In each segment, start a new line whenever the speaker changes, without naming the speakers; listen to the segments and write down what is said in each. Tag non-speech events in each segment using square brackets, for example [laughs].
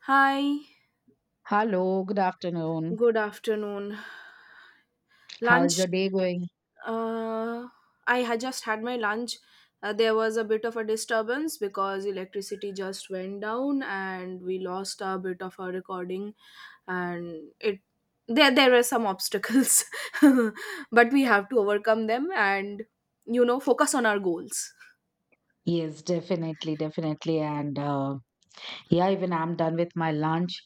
Hi,
Hello, good afternoon.
good afternoon.
How is
Lunch,
your day going?
uh, I had just had my lunch. There was a bit of a disturbance because electricity just went down and we lost a bit of our recording and it there were some obstacles [laughs] but we have to overcome them and you know focus on our goals.
Yes, definitely, definitely. And yeah, even I'm done with my lunch.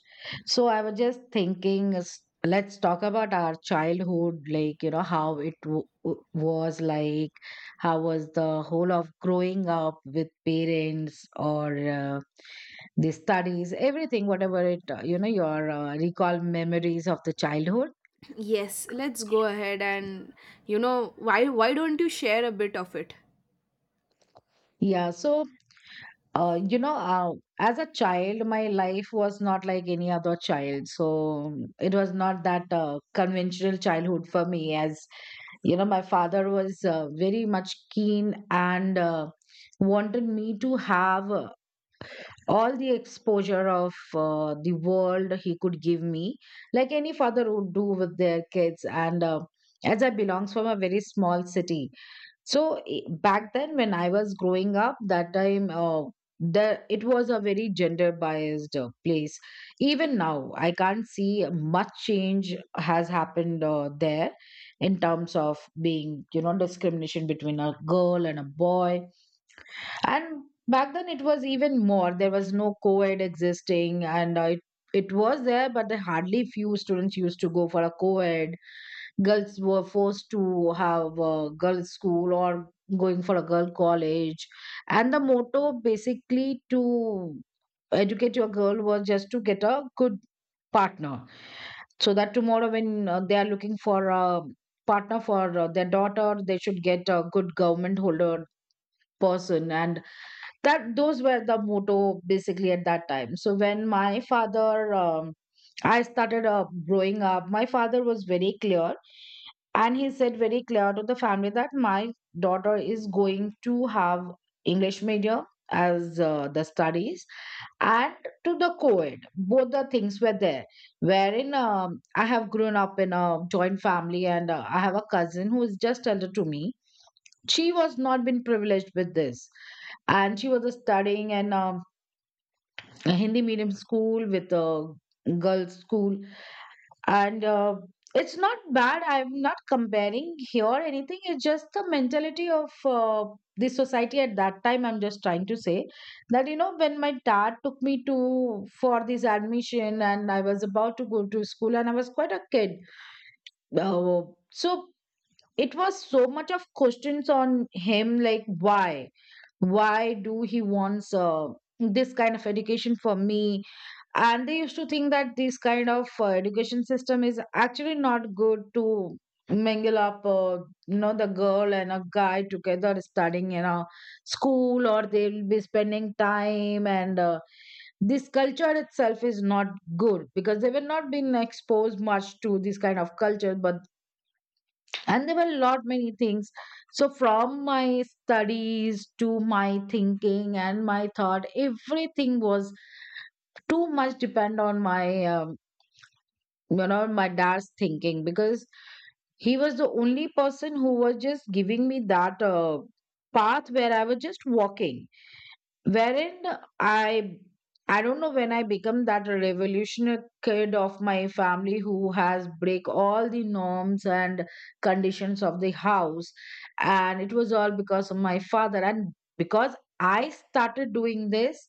So I was just thinking, let's talk about our childhood, like, you know, how it was like, how was the whole of growing up with parents or the studies, everything, whatever it, you know, your recall memories of the childhood.
Yes, let's go ahead and, you know, why don't you share a bit of it?
Yeah, so Uh, you know, uh, as a child, my life was not like any other child. So it was not that conventional childhood for me. As you know, my father was very much keen and wanted me to have all the exposure of the world he could give me, like any father would do with their kids. And as I belongs from a very small city, so back then, when I was growing up, that time, the it was a very gender biased place. Even now, I can't see much change has happened there in terms of being, you know, discrimination between a girl and a boy. And back then, it was even more. There was no co-ed existing, and it was there, but there hardly few students used to go for a co-ed. Girls were forced to have a girls school or going for a girl college, and the motto basically to educate your girl was just to get a good partner, so that tomorrow when they are looking for a partner for their daughter, they should get a good government holder person. And that, those were the motto basically at that time. So when my father, I started growing up, my father was very clear and he said very clear to the family that my daughter is going to have English medium as the studies and to the co-ed. Both the things were there. Wherein I have grown up in a joint family, and I have a cousin who is just elder to me. She was not been privileged with this, and she was studying in a Hindi medium school with a girls' school, and it's not bad, I'm not comparing here or anything. It's just the mentality of the society at that time I'm just trying to say. That, you know, when my dad took me to for this admission and I was about to go to school, and I was quite a kid, uh, so it was so much of questions on him, like, why do he wants this kind of education for me. And they used to think that this kind of education system is actually not good to mingle up, you know, the girl and a guy together studying in a school, or they'll be spending time, and this culture itself is not good, because they were not being exposed much to this kind of culture. But and there were a lot many things. So from my studies to my thinking and my thought, everything was too much depend on my, you know, my dad's thinking, because he was the only person who was just giving me that path where I was just walking. Wherein i I don't know when I become that revolutionary kid of my family who has break all the norms and conditions of the house. And it was all because of my father. And because I started doing this,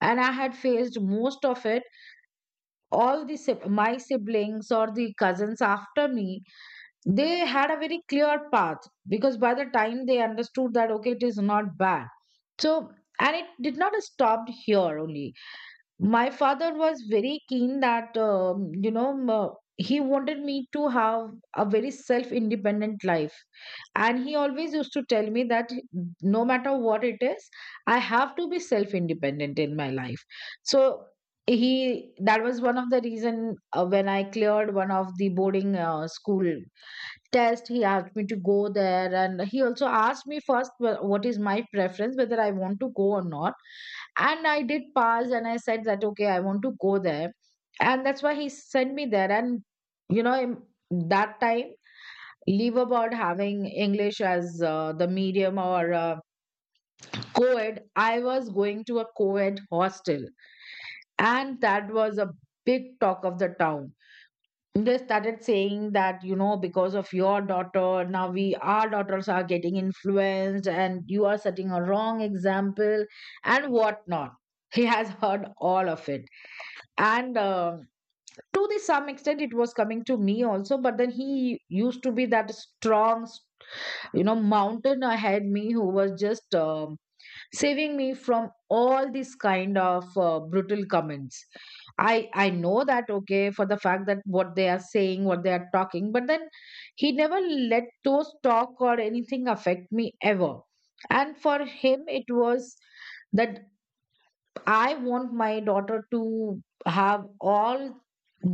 and I had faced most of it, all the my siblings or the cousins after me, they had a very clear path, because by the time they understood that, okay, it is not bad. So and it did not stop here only. My father was very keen that, he wanted me to have a very self independent life, and he always used to tell me that no matter what it is, I have to be self independent in my life. So he, that was one of the reason when I cleared one of the boarding school test, he asked me to go there, and he also asked me first what is my preference, whether I want to go or not. And I did pass and I said that, okay, I want to go there. And that's why he sent me there. And you know, in that time, leave about having English as the medium or co-ed, I was going to a co-ed hostel, and that was a big talk of the town. They started saying that, you know, because of your daughter now we, our daughters are getting influenced, and you are setting a wrong example, and whatnot. He has heard all of it. And to the some extent it was coming to me also, but then he used to be that strong, you know, mountain ahead me, who was just, saving me from all this kind of brutal comments. I know that, okay, for the fact that what they are saying, what they are talking, but then he never let those talk or anything affect me ever. And for him it was that I want my daughter to have all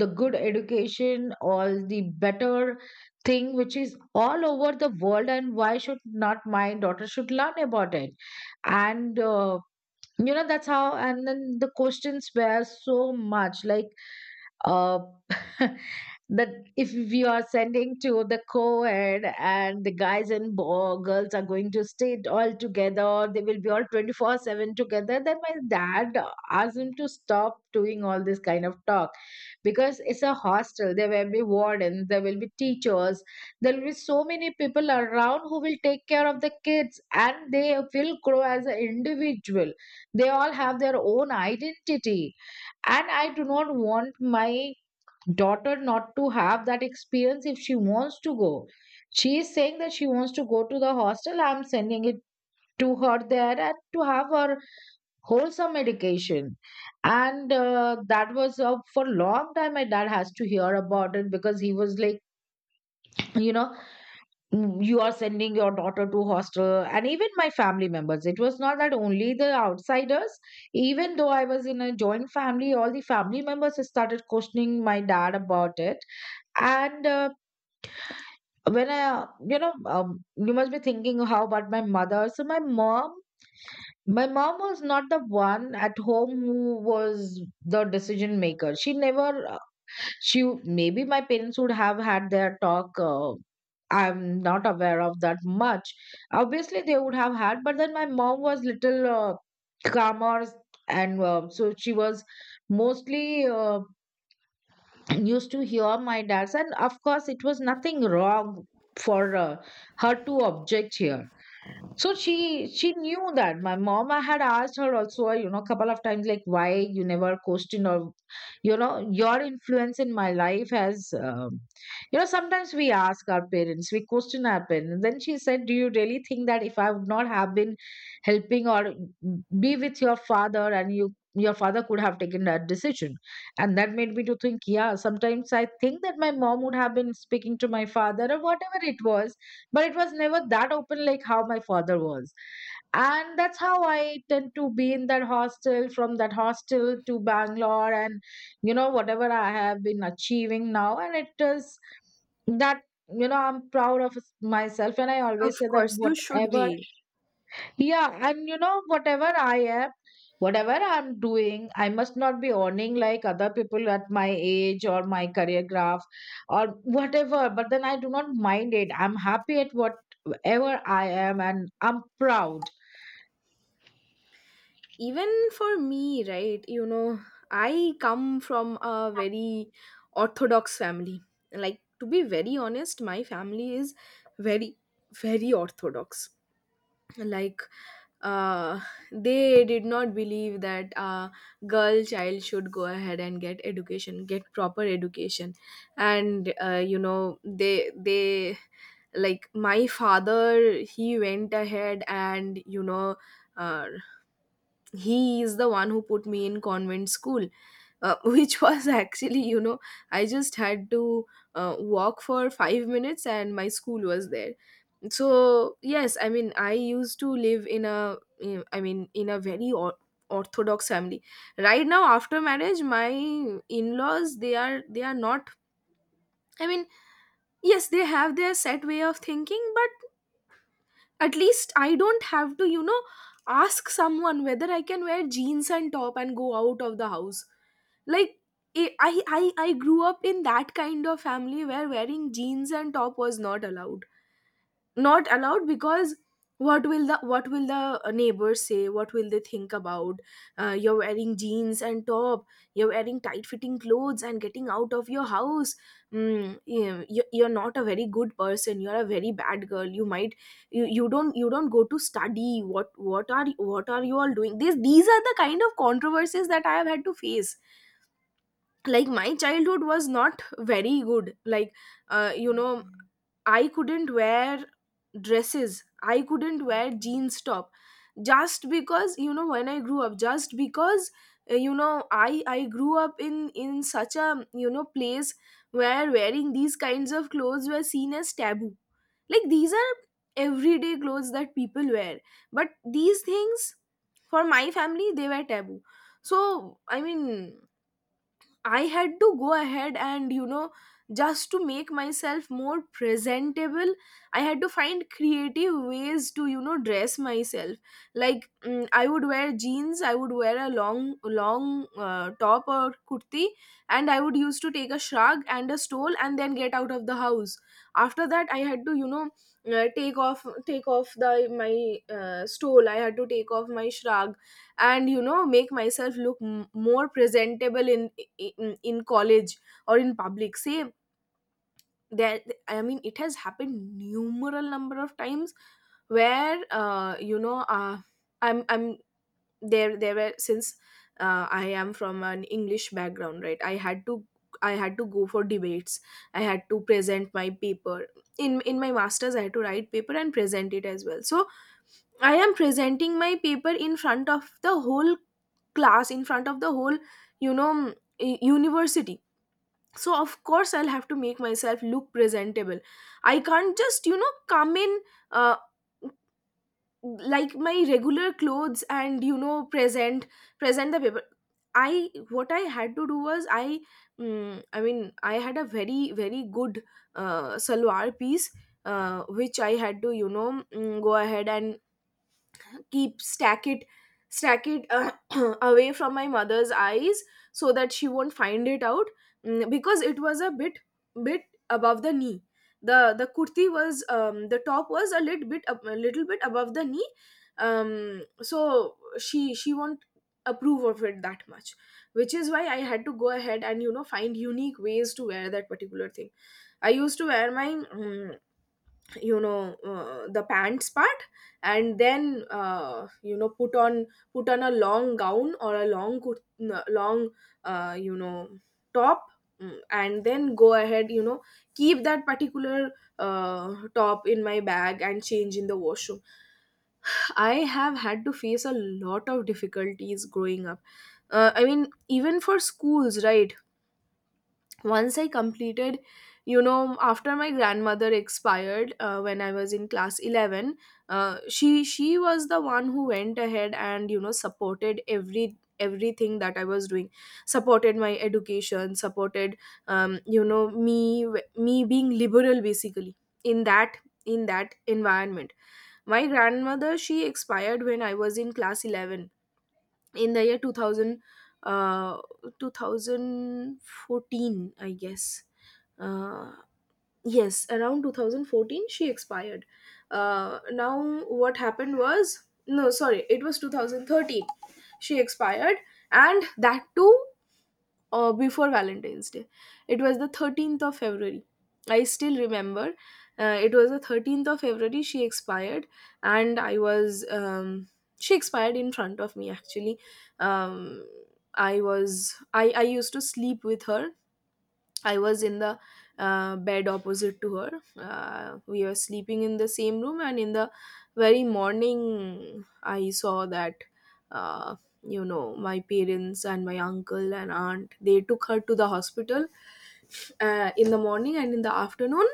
the good education, all the better thing which is all over the world, and why should not my daughter should learn about it. And you know, that's how. And then the questions were so much like, uh [laughs] that if you are sending to the co-ed and the guys and girls are going to stay all together, or they will be all 24/7 together, then my dad asked him to stop doing all this kind of talk, because it's a hostel, there will be wardens, there will be teachers, there will be so many people around who will take care of the kids, and they will grow as an individual. They all have their own identity. And I do not want my daughter not to have that experience if she wants to go. She is saying that she wants to go to the hostel. I'm sending it to her there and to have her wholesome education. And that was for long time. My dad has to hear about it, because he was like, you know, "Mm, you are sending your daughter to hostel." And even my family members, it was not that only the outsiders. Even though I was in a joint family, all the family members started questioning my dad about it. And when I, you know, you must be thinking, how about my mother? So my mom was not the one at home who was the decision maker. She never, she maybe my parents would have had their talk. I'm not aware of that much. Obviously, they would have had, but then my mom was little calmer, and so she was mostly, [clears throat] used to hear my dad's. And of course it was nothing wrong for her to object here. So she knew that my mom, I had asked her also, you know, a couple of times, like, why you never questioned, or, you know, your influence in my life has, you know, sometimes we ask our parents, we question our parents. Then she said, "Do you really think that if I would not have been helping or be with your father and you, your father could have taken that decision?" And that made me to think, yeah, sometimes I think that my mom would have been speaking to my father or whatever it was, but it was never that open like how my father was. And that's how I tend to be in that hostel, from that hostel to Bangalore, and you know, whatever I have been achieving now, and it is that, you know, I'm proud of myself, and I
Of
always say that
course you should
whatever.
be.
Yeah, and you know, whatever I am, whatever I'm doing, I must not be earning like other people at my age or my career graph or whatever. But then I do not mind it. I'm happy at whatever I am, and I'm proud.
Even for me, right, you know, I come from a very orthodox family. Like, to be very honest, my family is very, very orthodox. Like, uh they did not believe that a girl child should go ahead and get education, get proper education. And you know, they like my father, he went ahead and, you know, uh, he is the one who put me in convent school, [laughs] which was actually, you know, I just had to walk for 5 minutes and my school was there. So yes, I mean, I used to live in a I mean in a very orthodox family. Right now after marriage, my in-laws, they are not, I mean, yes, they have their set way of thinking. At least I don't have to, you know, ask someone whether I can wear jeans and top and go out of the house. Like, I grew up in that kind of family where wearing jeans and top was not allowed. Not allowed because what will the neighbors say? What will they think about, you're wearing jeans and top, you're wearing tight fitting clothes and getting out of your house. You're not a very good person, you're a very bad girl. You might you, you don't, you don't go to study. What are, what are you all doing? These are the kind of controversies that I have had to face. Like, my childhood was not very good. Like, you know, I couldn't wear dresses, I couldn't wear jeans top, just because, you know, when I grew up, just because, you know, I grew up in such a, you know, place where wearing these kinds of clothes were seen as taboo. Like, these are everyday clothes that people wear, but these things for my family, they were taboo. So, I mean, I had to go ahead and, you know, just to make myself more presentable, I had to find creative ways to, you know, dress myself. Like, mm, I would wear jeans, I would wear a long, long top or kurti, and I would used to take a shrug and a stole and then get out of the house. After that, I had to, you know, take off the my stole. I had to take off my shrug and, you know, make myself look more presentable in, in college or in public. Say that, I mean, it has happened numeral number of times where, you know, I'm there were, since I am from an English background, right, I had to, I had to go for debates, I had to present my paper. In my masters, I had to write paper and present it as well. So I am presenting my paper in front of the whole class, in front of the whole, you know, university. So of course I'll have to make myself look presentable. I can't just, you know, come in, uh, like my regular clothes, and, you know, present the paper. I, what I had to do was, I, mm, I mean, I had a very, very good salwar piece, which I had to, you know, mm, go ahead and keep, stack it [clears throat] away from my mother's eyes so that she won't find it out. Mm, because it was a bit, bit above the knee. The kurti was, the top was a little bit a little bit above the knee. Um, so she won't approve of it that much, which is why I had to go ahead and, you know, find unique ways to wear that particular thing. I used to wear my, mm, you know, the pants part, and then, you know, put on a long gown or a long you know, top, mm, and then go ahead, you know, keep that particular top in my bag and change in the washroom. I have had to face a lot of difficulties growing up. I mean, even for schools, right? Once I completed, you know, after my grandmother expired, when I was in class 11, she was the one who went ahead and, you know, supported everything that I was doing. Supported my education, supported, you know, me being liberal basically in that, in that environment. My grandmother, she expired when I was in class 11, in the year 2000, uh 2014, I guess. uh yes, around 2014 she expired. Uh, now what happened was, no, sorry, it was 2013 she expired. And that too, before Valentine's Day. It was the 13th of February, I still remember. It was the 13th of February she expired, and I was. She expired in front of me actually. Um, I was. I used to sleep with her. I was in the bed opposite to her. We were sleeping in the same room, and in the very morning, I saw that, uh, you know, my parents and my uncle and aunt, they took her to the hospital, in the morning, and in the afternoon,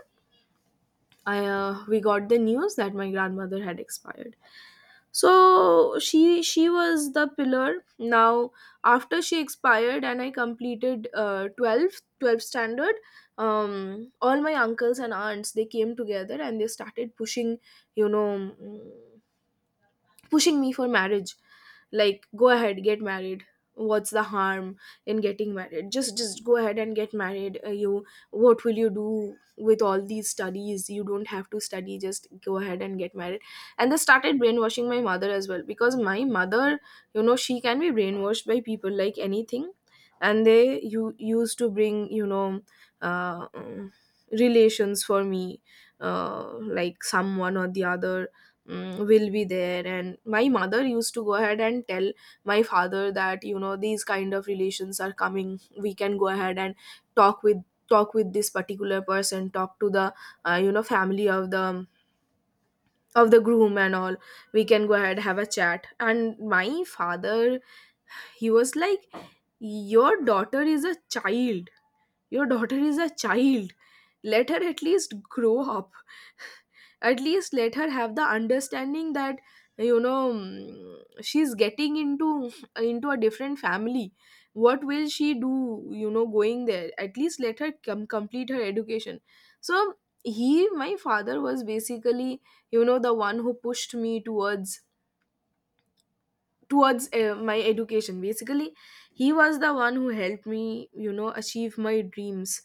I, we got the news that my grandmother had expired. So she was the pillar. Now after she expired and I completed 12th standard, all my uncles and aunts, they came together and they started pushing, you know, mm, pushing me for marriage. Like, go ahead, get married. What's the harm in getting married? Just go ahead and get married. You, what will you do with all these studies? You don't have to study, just go ahead and get married. And they started brainwashing my mother as well, because my mother, you know, she can be brainwashed by people like anything. And they, you used to bring, you know, uh, um, relations for me. Uh, like someone or the other, mm, will be there, and my mother used to go ahead and tell my father that, you know, these kind of relations are coming, we can go ahead and talk with talk with this particular person, talk to the, you know, family of the, of the groom and all. We can go ahead, have a chat. And my father, he was like, your daughter is a child, your daughter is a child, let her at least grow up, at least let her have the understanding that, you know, mm, she's getting into a different family. What will she do, you know, going there? At least let her complete her education. So he, my father, was basically, you know, the one who pushed me towards, towards, my education basically. He was the one who helped me, you know, achieve my dreams.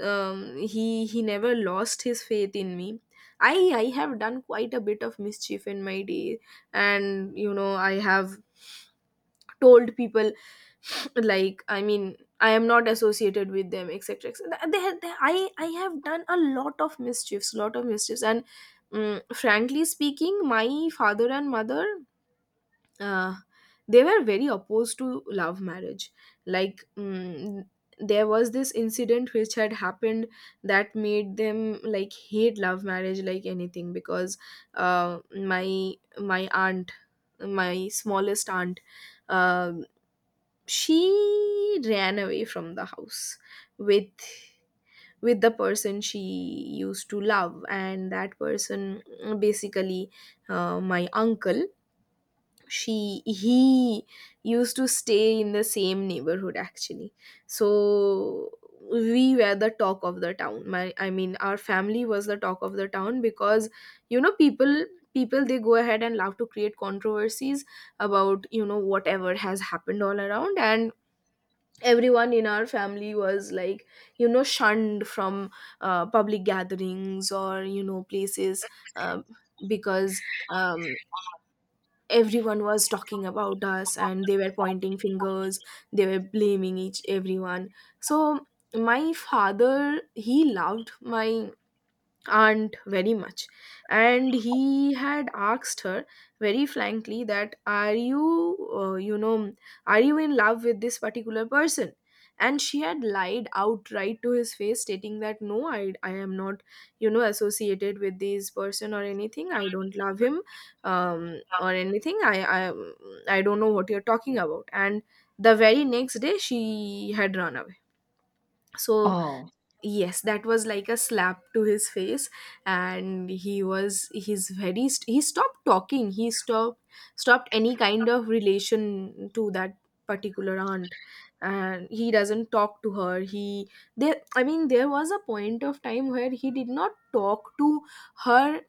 Um, he never lost his faith in me. i I have done quite a bit of mischief in my day, and, you know, I have told people [sniffs] like, I mean, I am not associated with them, etc., etc. They, I have done a lot of mischiefs, lot of mischiefs. And, mm, frankly speaking, my father and mother, uh, they were very opposed to love marriage. Like, there was this incident which had happened that made them like hate love marriage like anything because uh, my my aunt, my smallest aunt, um she ran away from the house with the person she used to love. And that person, basically my uncle, she he used to stay in the same neighborhood actually. So we were the talk of the town, my I mean, our family was the talk of the town because you know people people, they go ahead and love to create controversies about whatever has happened all around. And everyone in our family was like, shunned from public gatherings or, places, um because, um, everyone was talking about us and they were pointing fingers. They were blaming each everyone. So my father, he loved my aunt very much, and he had asked her very frankly that, are you, you know are you in love with this particular person? And she had lied outright to his face, stating that, no, I am not, associated with this person or anything, I don't love him, or anything, I don't know what you're talking about. And the very next day, she had run away, so.
Oh,
Yes, that was like a slap to his face. And he was he's very st- he stopped talking. He stopped any kind of relation to that particular aunt. And he doesn't talk to her. He There, I mean, there was a point of time where he did not talk to her.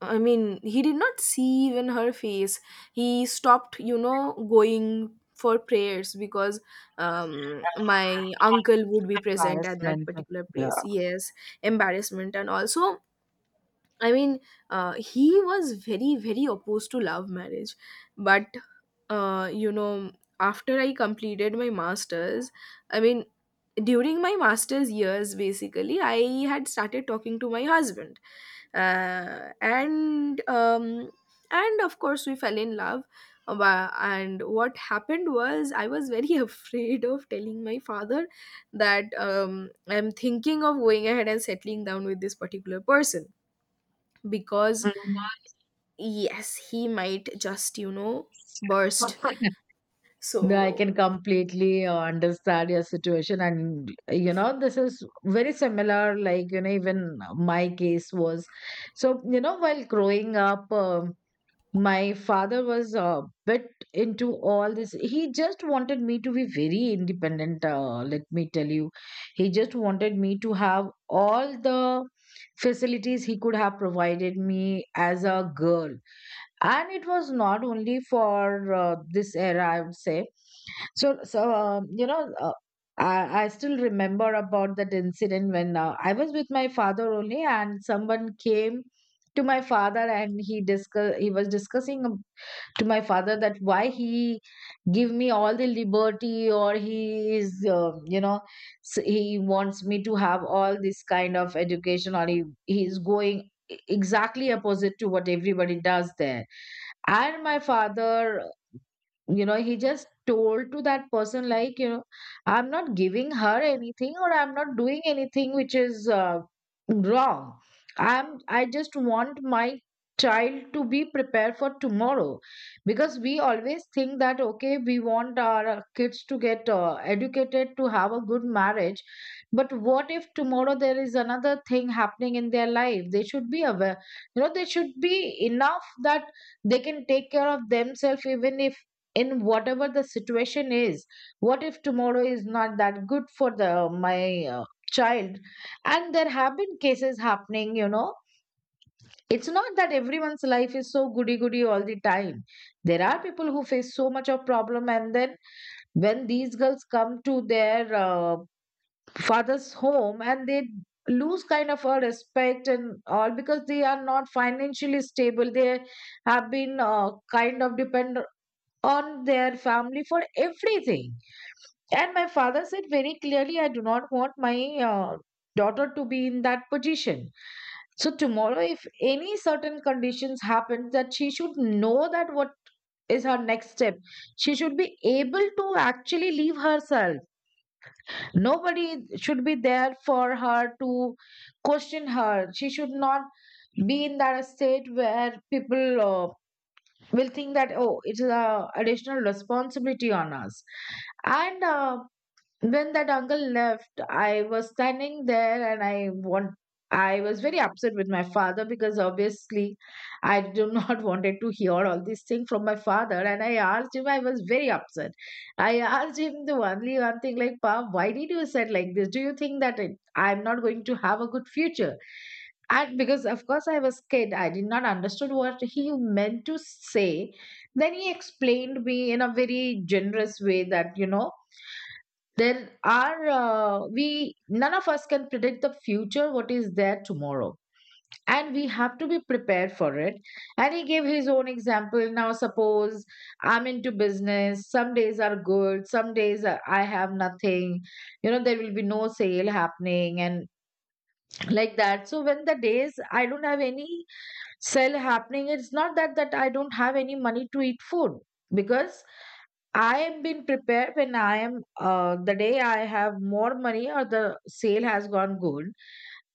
I mean, he did not see even her face. He stopped, going for prayers because, my uncle would be present at that
embarrassment.
particular place. Yes, embarrassment, and also, I mean, he was very, very opposed to love marriage. But, uh, you know, after I completed my master's, I mean, during my master's years, basically, I had started talking to my husband. Uh, and, um, and of course, we fell in love. And what happened was, I was very [laughs] afraid of telling my father that, I'm thinking of going ahead and settling down with this particular person, because
[laughs]
yes, he might just, burst,
No, I
so
can completely understand your situation, and you know, this is very similar. Like, you know, even my case was so, you know, while growing up. My father was a bit into all this. He just wanted me to be very independent. Let me tell you, he just wanted me to have all the facilities he could have provided me as a girl, and it was not only for this era, I would say. so so um, you know uh, I still remember about that incident when I was with my father only, and someone came to my father and he was discussing to my father that why he give me all the liberty, or he is he wants me to have all this kind of education, or he is going exactly opposite to what everybody does there. And my father, you know, he just told to that person like, you know, I'm not giving her anything or I'm not doing anything which is wrong. I just want my child to be prepared for tomorrow, because we always think that, okay, we want our kids to get educated, to have a good marriage. But what if tomorrow there is another thing happening in their life? They should be aware, you know, they should be enough that they can take care of themselves even if, in whatever the situation is. What if tomorrow is not that good for the my child? And there have been cases happening, you know. It's not that everyone's life is so goody goody all the time. There are people who face so much of problem, and then when these girls come to their father's home and they lose kind of a respect and all, because they are not financially stable. They have been kind of depend on their family for everything. And my father said very clearly, I do not want my daughter to be in that position. So tomorrow, if any certain conditions happen, that she should know that what is her next step. She should be able to actually leave herself. Nobody should be there for her to question her. She should not be in that state where people will think that, oh, it is a additional responsibility on us. And when that uncle left, I was standing there and I was very upset with my father, because obviously I do not [laughs] wanted to hear all these things from my father. And I asked him, I was very upset, I asked him the only one thing, like, pa, why did you said like this? Do you think that I'm not going to have a good future? And because of course I was kid, I did not understood what he meant to say. Then he explained me in a very generous way that, you know, none of us can predict the future, what is there tomorrow. And we have to be prepared for it. And he gave his own example. Now, suppose I'm into business, some days are good, some days I have nothing, you know, there will be no sale happening and like that. So, when the days I don't have any sale happening, it's not that I don't have any money to eat food, because I have been prepared. When I am the day I have more money or the sale has gone good,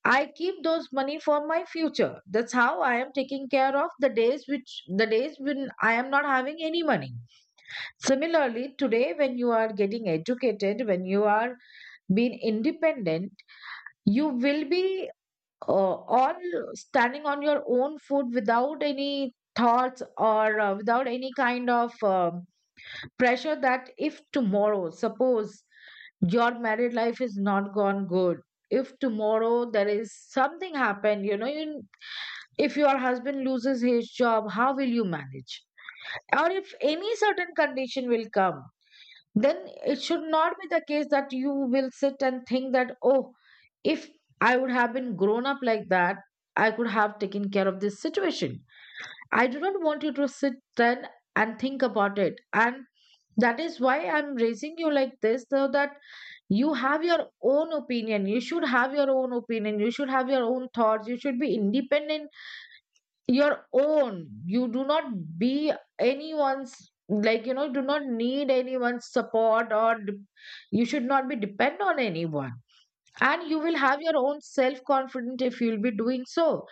I keep those money for my future. That's how I am taking care of the days when I am not having any money. Similarly, today when you are getting educated, when you are being independent, you will be all standing on your own foot without any thoughts or without any kind of pressure. That if tomorrow, suppose your married life is not gone good, if tomorrow there is something happen, you know, you, if your husband loses his job, how will you manage? Or if any certain condition will come, then it should not be the case that you will sit and think that, oh, if I would have been grown up like that, I could have taken care of this situation. I do not want you to sit then and think about it. And that is why I'm raising you like this, so that you have your own opinion. You should have your own opinion. You should have your own thoughts. You should be independent, your own. You do not be anyone's, like, you know, do not need anyone's support or you should not be depend on anyone. And you will have your own self confidence if you'll be doing so.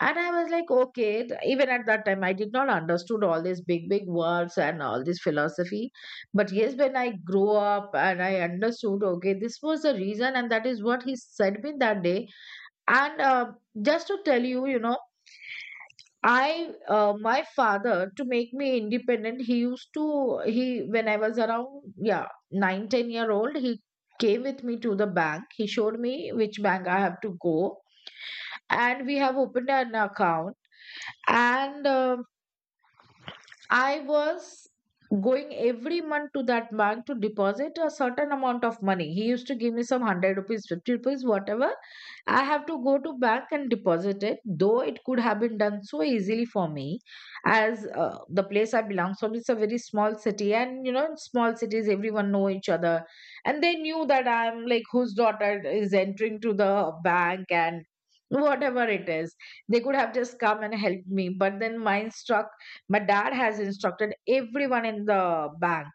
And I was like, okay, even at that time I did not understood all these big big words and all this philosophy. But yes, when I grew up, and I understood, okay, this was the reason, and that is what he said me that day. And Just to tell you, you know, I my father, to make me independent, He used to he when I was around, yeah, 9, 10 year old, he came with me to the bank. He showed me which bank I have to go, and we have opened an account. And I was going every month to that bank to deposit a certain amount of money. He used to give me some 100 rupees, 50 rupees, whatever. I have to go to bank and deposit it, though it could have been done so easily for me, as the place I belong from is a very small city, and you know, in small cities everyone know each other, and they knew that I'm like whose daughter is entering to the bank, and whatever it is, they could have just come and helped me. But then mine struck, my dad has instructed everyone in the bank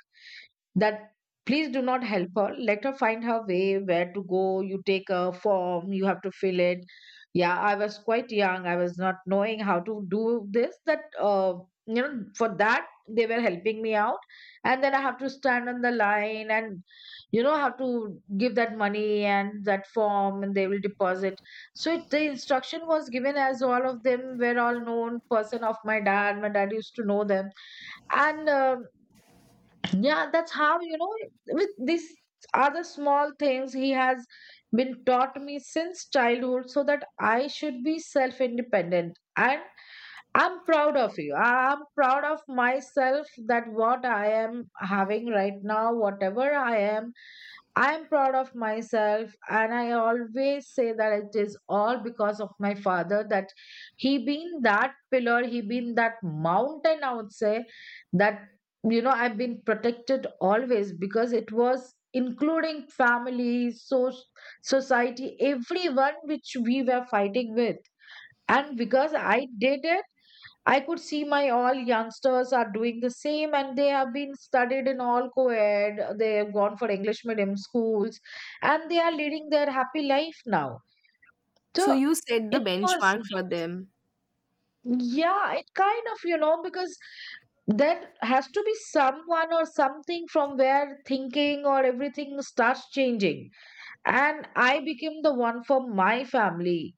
that please do not help her, let her find her way where to go. You take a form, you have to fill it. Yeah, I was quite young, I was not knowing how to do this, that you know, for that they were helping me out. And then I have to stand on the line and, you know, have to give that money and that form, and they will deposit. So the instruction was given, as all of them were all known person of my dad, my dad used to know them. And Yeah, that's how, you know, with these other small things, he has been taught me since childhood, so that I should be self-independent. And I'm proud of you, I'm proud of myself, that what I am having right now, whatever I am, I'm proud of myself. And I always say that it is all because of my father. That he been that pillar, he been that mountain, I would say. That, you know, I've been protected always, because it was including family, so, society, everyone which we were fighting with. And because I did it, I could see my all youngsters are doing the same, and they have been studied in all co ed. They have gone for English medium schools, and they are leading their happy life now.
so
So
you set the
it was,
benchmark for them.
yeah, it kind of, you know, because there has to be someone or something from where thinking or everything starts changing. And I became the one for my family.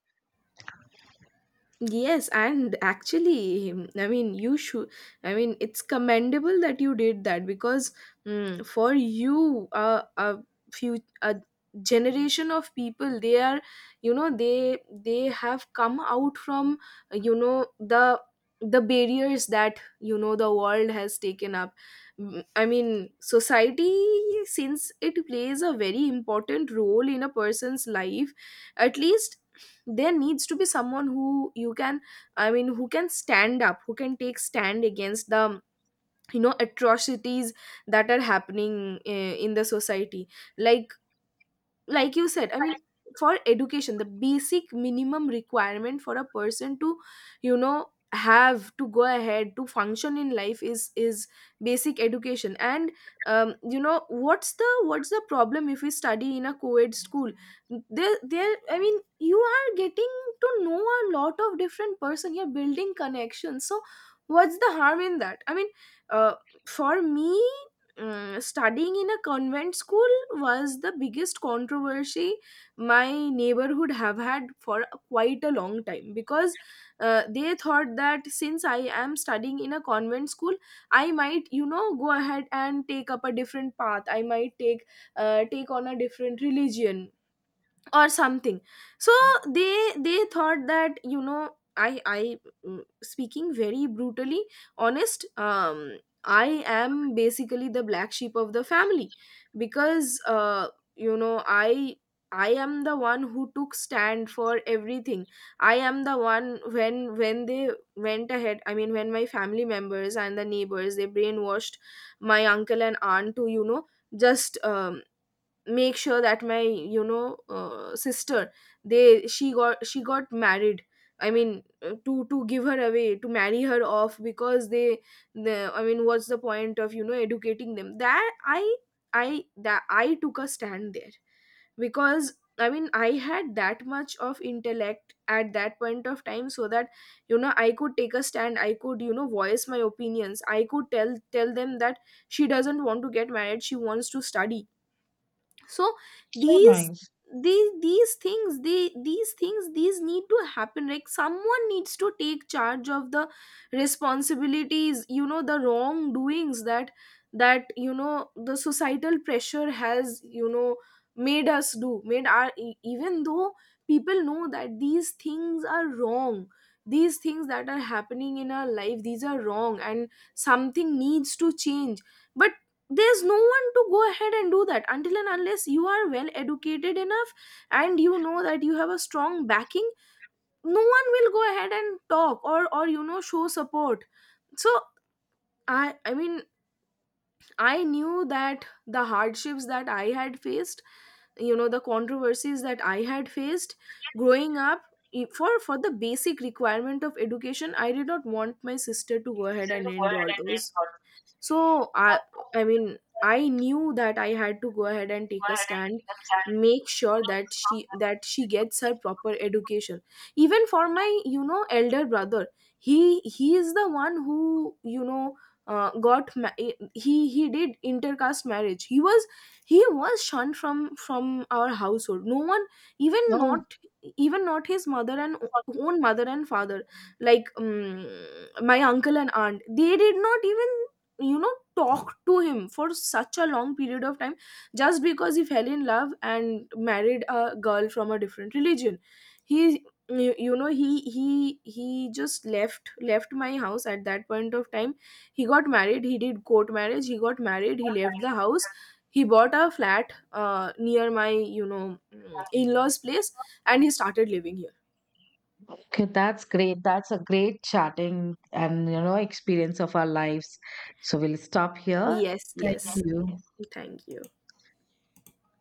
Yes, and actually, I mean, you should. I mean, it's commendable that you did that because, for you, a generation of people, they are, they have come out from, you know, the the barriers that the world has taken up. I mean, society, since it plays a very important role in a person's life, at least there needs to be someone who you can, I mean, who can stand up, who can take stand against the, atrocities that are happening in the society. Like like you said, I mean, for education, the basic minimum requirement for a person to, have to go ahead to function in life, is basic education. And, what's the problem if we study in a co-ed school? There, I mean, you are getting to know a lot of different person. You're building connections, so what's the harm in that? I mean, uh, for me, studying in a convent school was the biggest controversy my neighborhood have had for quite a long time because, they thought that since I am studying in a convent school, I might, go ahead and take up a different path. I might take on a different religion or something. So they thought that, speaking very brutally honest, I am basically the black sheep of the family because, you know i I am the one who took stand for everything. I am the one, when they went ahead, I mean, when my family members and the neighbors, they brainwashed my uncle and aunt to, just, make sure that my, sister, they she got married. I mean, to give her away, to marry her off, because they, the I mean, what's the point of, educating them? That I took a stand there because, I mean, I had that much of intellect at that point of time, so that, I could take a stand, I could, voice my opinions, I could tell them that she doesn't want to get married, she wants to study. So,
So
these
nice.
these things they these things these need to happen. Like someone needs to take charge of the responsibilities, the wrongdoings that, the societal pressure has, made us do, even though people know that these things are wrong. These things that are happening in our life, these are wrong, and something needs to change. But there's no one to go ahead and do that until and unless you are well educated enough and you know that you have a strong backing. No one will go ahead and talk, or, show support. So, I mean, I knew that the hardships that I had faced, the controversies that I had faced growing up, for the basic requirement of education, I did not want my sister to go ahead and endure those. So, I mean, I knew that I had to go ahead and take a stand, make sure that she gets her proper education. Even for my, elder brother, he is the one who, uh, got ma- he did intercaste marriage. He was shunned from our household. No one, even
Oh,
not, even not his mother and own mother and father, like, my uncle and aunt, they did not even, talk to him for such a long period of time just because he fell in love and married a girl from a different religion. He you, you know he he he just left my house at that point of time. He got married, he did court marriage, he got married, he left the house. He bought a flat, near my, in-laws place, and he started living here.
okay, that's great. That's a great chatting and, you know, experience of our lives. So we'll stop here.
Yes,
Thank
yes.
you.
Thank you.